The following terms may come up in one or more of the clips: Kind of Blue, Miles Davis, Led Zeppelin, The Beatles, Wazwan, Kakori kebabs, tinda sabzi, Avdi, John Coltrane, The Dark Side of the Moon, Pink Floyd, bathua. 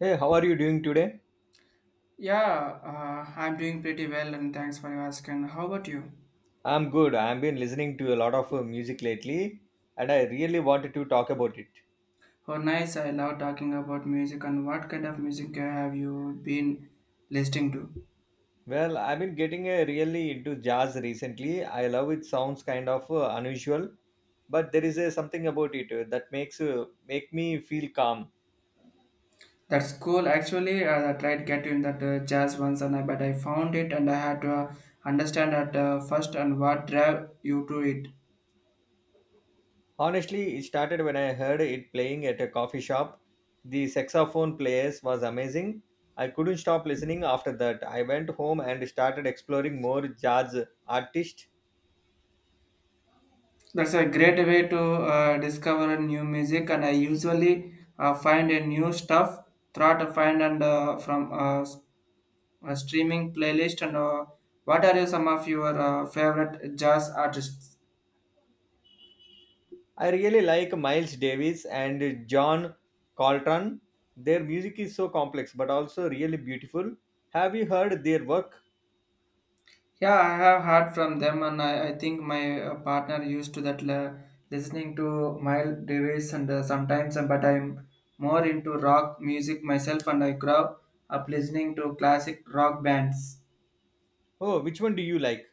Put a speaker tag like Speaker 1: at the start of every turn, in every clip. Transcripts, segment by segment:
Speaker 1: Hey, how are you doing today?
Speaker 2: Yeah, I'm doing pretty well and thanks for your asking. How about you?
Speaker 1: I'm good. I've been listening to a lot of music lately and I really wanted to talk about it.
Speaker 2: Oh, nice. I love talking about music and what kind of music have you been listening to?
Speaker 1: Well, I've been getting really into jazz recently. I love it sounds kind of unusual, but there is something about it that make me feel calm.
Speaker 2: That's cool. Actually, I tried getting that jazz once and I, but I found it and I had to understand at first and what drive you to it.
Speaker 1: Honestly, it started when I heard it playing at a coffee shop. The saxophone players was amazing. I couldn't stop listening after that. I went home and started exploring more jazz artists.
Speaker 2: That's a great way to discover new music and I usually find a new stuff, try to find and from streaming playlist and what are you some of your favorite jazz artists?
Speaker 1: I really like Miles Davis and John Coltrane. Their music is so complex but also really beautiful. Have you heard their work?
Speaker 2: Yeah, I have heard from them and I think my partner used to that listening to Miles Davis and sometimes but I'm more into rock music myself and I grow up listening to classic rock bands.
Speaker 1: Oh, which one do you like?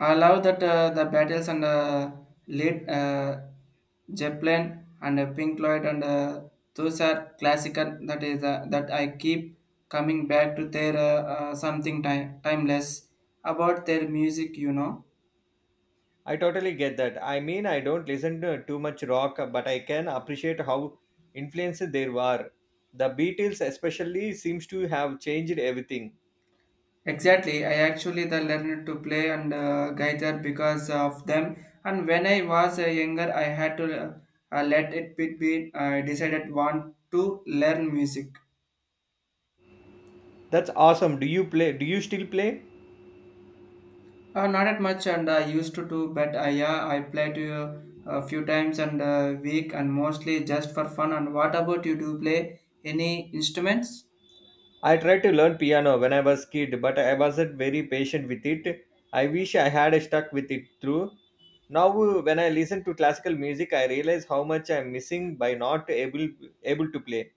Speaker 2: I love that the battles and lead Zeppelin and Pink Floyd and those are classical. That is that I keep coming back to their something time, timeless about their music.
Speaker 1: I totally get that. I mean, I don't listen to too much rock, but I can appreciate how influenced they were. The Beatles especially seems to have changed everything.
Speaker 2: Exactly. I actually the learned to play and guitar because of them. And when I was younger, I had to let it be decided want to learn music.
Speaker 1: That's awesome. Do you still play?
Speaker 2: Not that much, and I used to do, but I, yeah, I play to a few times and a week, and mostly just for fun. And what about you? Do you play any instruments?
Speaker 1: I tried to learn piano when I was kid, but I wasn't very patient with it. I wish I had stuck with it through. Now, when I listen to classical music, I realize how much I'm missing by not able to play.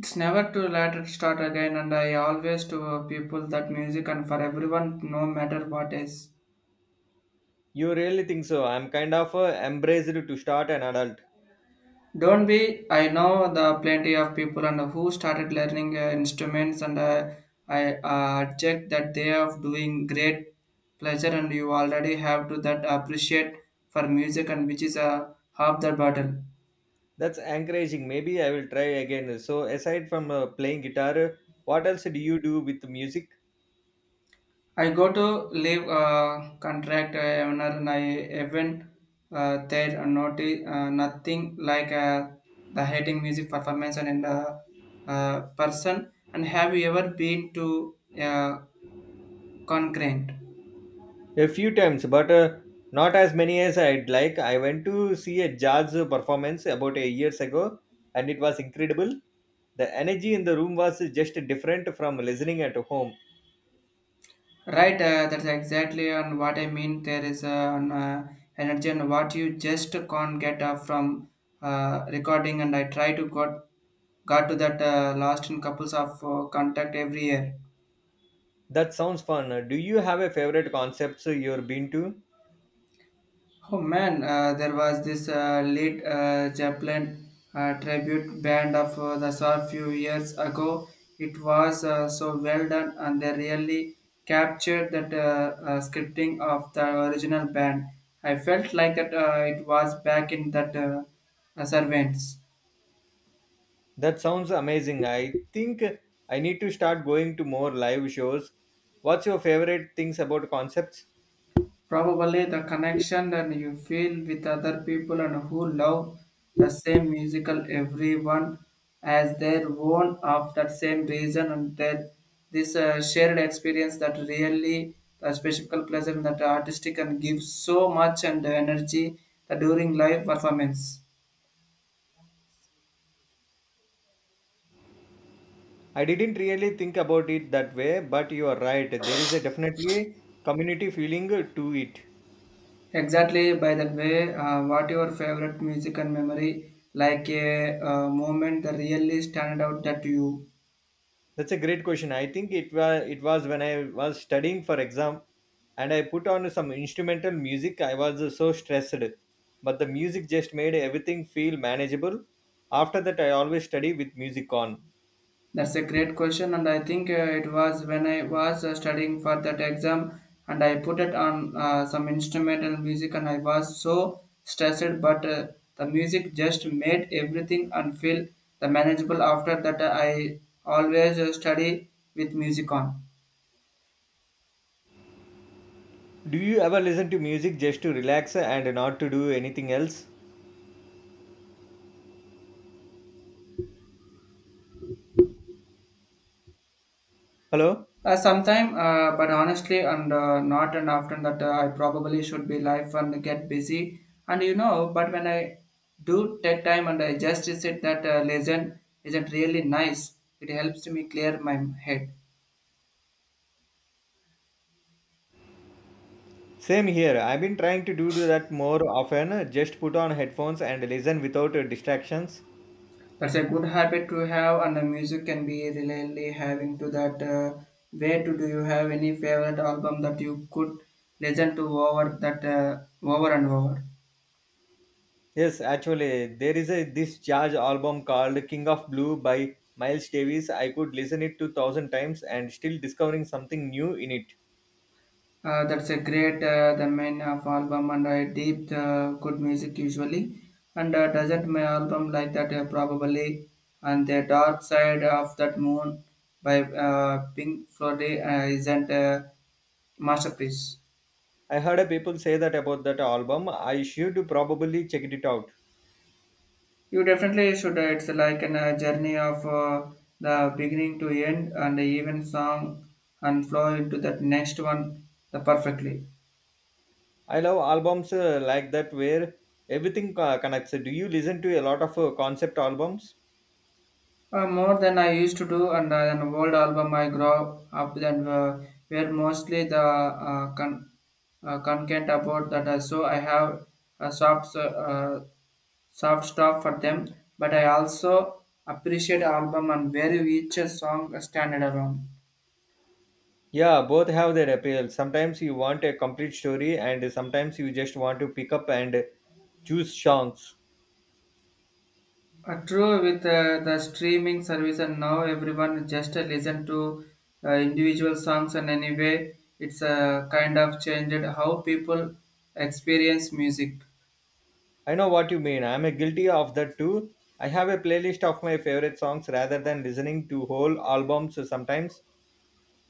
Speaker 2: It's never too late to start again, and I always to people that music and for everyone, no matter what is.
Speaker 1: You really think so? I'm kind of embraced to start an adult.
Speaker 2: Don't be. I know the plenty of people and who started learning instruments, and I object that they are doing great pleasure, and you already have to that appreciate for music, and which is half the battle.
Speaker 1: That's encouraging. Maybe I will try again. So, aside from playing guitar, what else do you do with music?
Speaker 2: I go to leave contract owner, and I even there are not nothing like the hating music performance and in the person. And have you ever been to a concurrent?
Speaker 1: A few times, but not as many as I'd like. I went to see a jazz performance about a years ago, and it was incredible. The energy in the room was just different from listening at home.
Speaker 2: Right, that's exactly on what I mean. There is an energy and what you just can't get from recording, and I try to got to that last in couples of contact every year.
Speaker 1: That sounds fun. Do you have a favorite concepts you've been to?
Speaker 2: Oh man, there was this lead Zeppelin tribute band of the saw few years ago. It was so well done, and they really captured that scripting of the original band. I felt like that it was back in that Servants.
Speaker 1: That sounds amazing. I think I need to start going to more live shows. What's your favorite things about concepts?
Speaker 2: Probably the connection that you feel with other people and who love the same musical everyone has their own of that same reason and that this shared experience that really the special pleasure that artistic and gives so much and energy that during live performance.
Speaker 1: I didn't really think about it that way, but you are right. There is a definitely community feeling to it.
Speaker 2: Exactly by that way, what your favorite music and memory like a moment that really stand out that you.
Speaker 1: That's a great question. I think it was when I was studying for exam and I put on some instrumental music. I was so stressed, but the music just made everything feel manageable. After that, I always study with music on.
Speaker 2: That's a great question, and I think it was when I was studying for that exam, and I put it on some instrumental music, and I was so stressed. But the music just made everything and feel the manageable. After that, I always study with music on.
Speaker 1: Do you ever listen to music just to relax and not to do anything else? Hello?
Speaker 2: Sometime, but honestly, and not and often that I probably should be life and get busy. And you know, but when I do take time and I just sit that lesson isn't really nice, it helps me clear my head.
Speaker 1: Same here. I've been trying to do that more often. Just put on headphones and listen without distractions.
Speaker 2: That's a good habit to have, and the music can be really having to that. Way to do you have any favorite album that you could listen to over that over and over?
Speaker 1: Yes, actually, there is a this jazz album called King of Blue by Miles Davis. I could listen it 2,000 times and still discovering something new in it.
Speaker 2: That's a great the main of album and a deep good music usually and doesn't my album like that probably and the dark side of that moon by Pink Floyd isn't a masterpiece.
Speaker 1: I heard a people say that about that album. I should probably check it out.
Speaker 2: You definitely should. It's like a journey of the beginning to end and even song and flow into that next one the perfectly.
Speaker 1: I love albums like that where everything connects. Do you listen to a lot of concept albums?
Speaker 2: More than I used to do, and an old album I grew up then were mostly the content about that. So I have a soft soft stuff for them, but I also appreciate album and where each song stand alone.
Speaker 1: Yeah, both have their appeal. Sometimes you want a complete story, and sometimes you just want to pick up and choose songs.
Speaker 2: True with the streaming service and now everyone just listen to individual songs and anyway it's kind of changed how people experience music.
Speaker 1: I know what you mean. I'm a guilty of that too. I have a playlist of my favorite songs rather than listening to whole albums sometimes.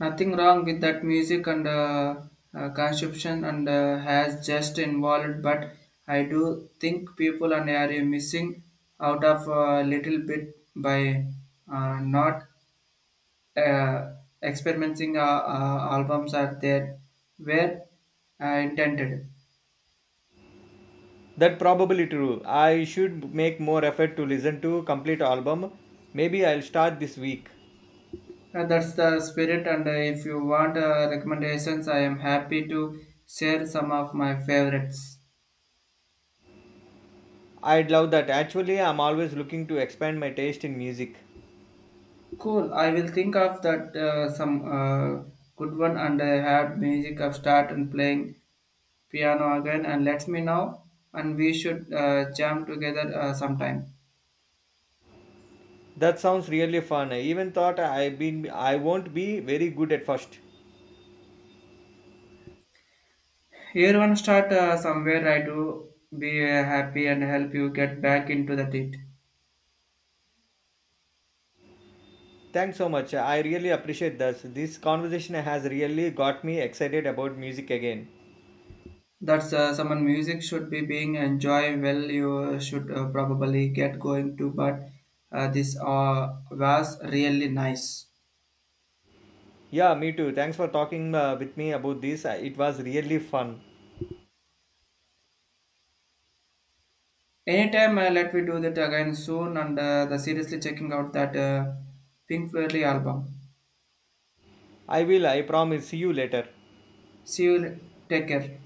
Speaker 2: Nothing wrong with that music and consumption and has just involved, but I do think people and are missing out of a little bit by not uh, experimenting albums are there where intended.
Speaker 1: That probably true. I should make more effort to listen to complete album. Maybe I'll start this week.
Speaker 2: That's the spirit, and if you want recommendations, I am happy to share some of my favorites.
Speaker 1: I'd love that. Actually, I'm always looking to expand my taste in music.
Speaker 2: Cool. I will think of that some good one and I had music of start and playing piano again and let me know and we should jam together sometime.
Speaker 1: That sounds really fun. I even thought I've been I won't be very good at first.
Speaker 2: Everyone start somewhere. I do be happy and help you get back into the it.
Speaker 1: Thanks so much. I really appreciate this. This conversation has really got me excited about music again.
Speaker 2: That's someone music should be being enjoy, well you should probably get going to, but this was really nice.
Speaker 1: Yeah, me too. Thanks for talking with me about this. It was really fun.
Speaker 2: Anytime, let me do that again soon and the seriously checking out that Pink Floyd album.
Speaker 1: I will, I promise. See you later.
Speaker 2: See you, take care.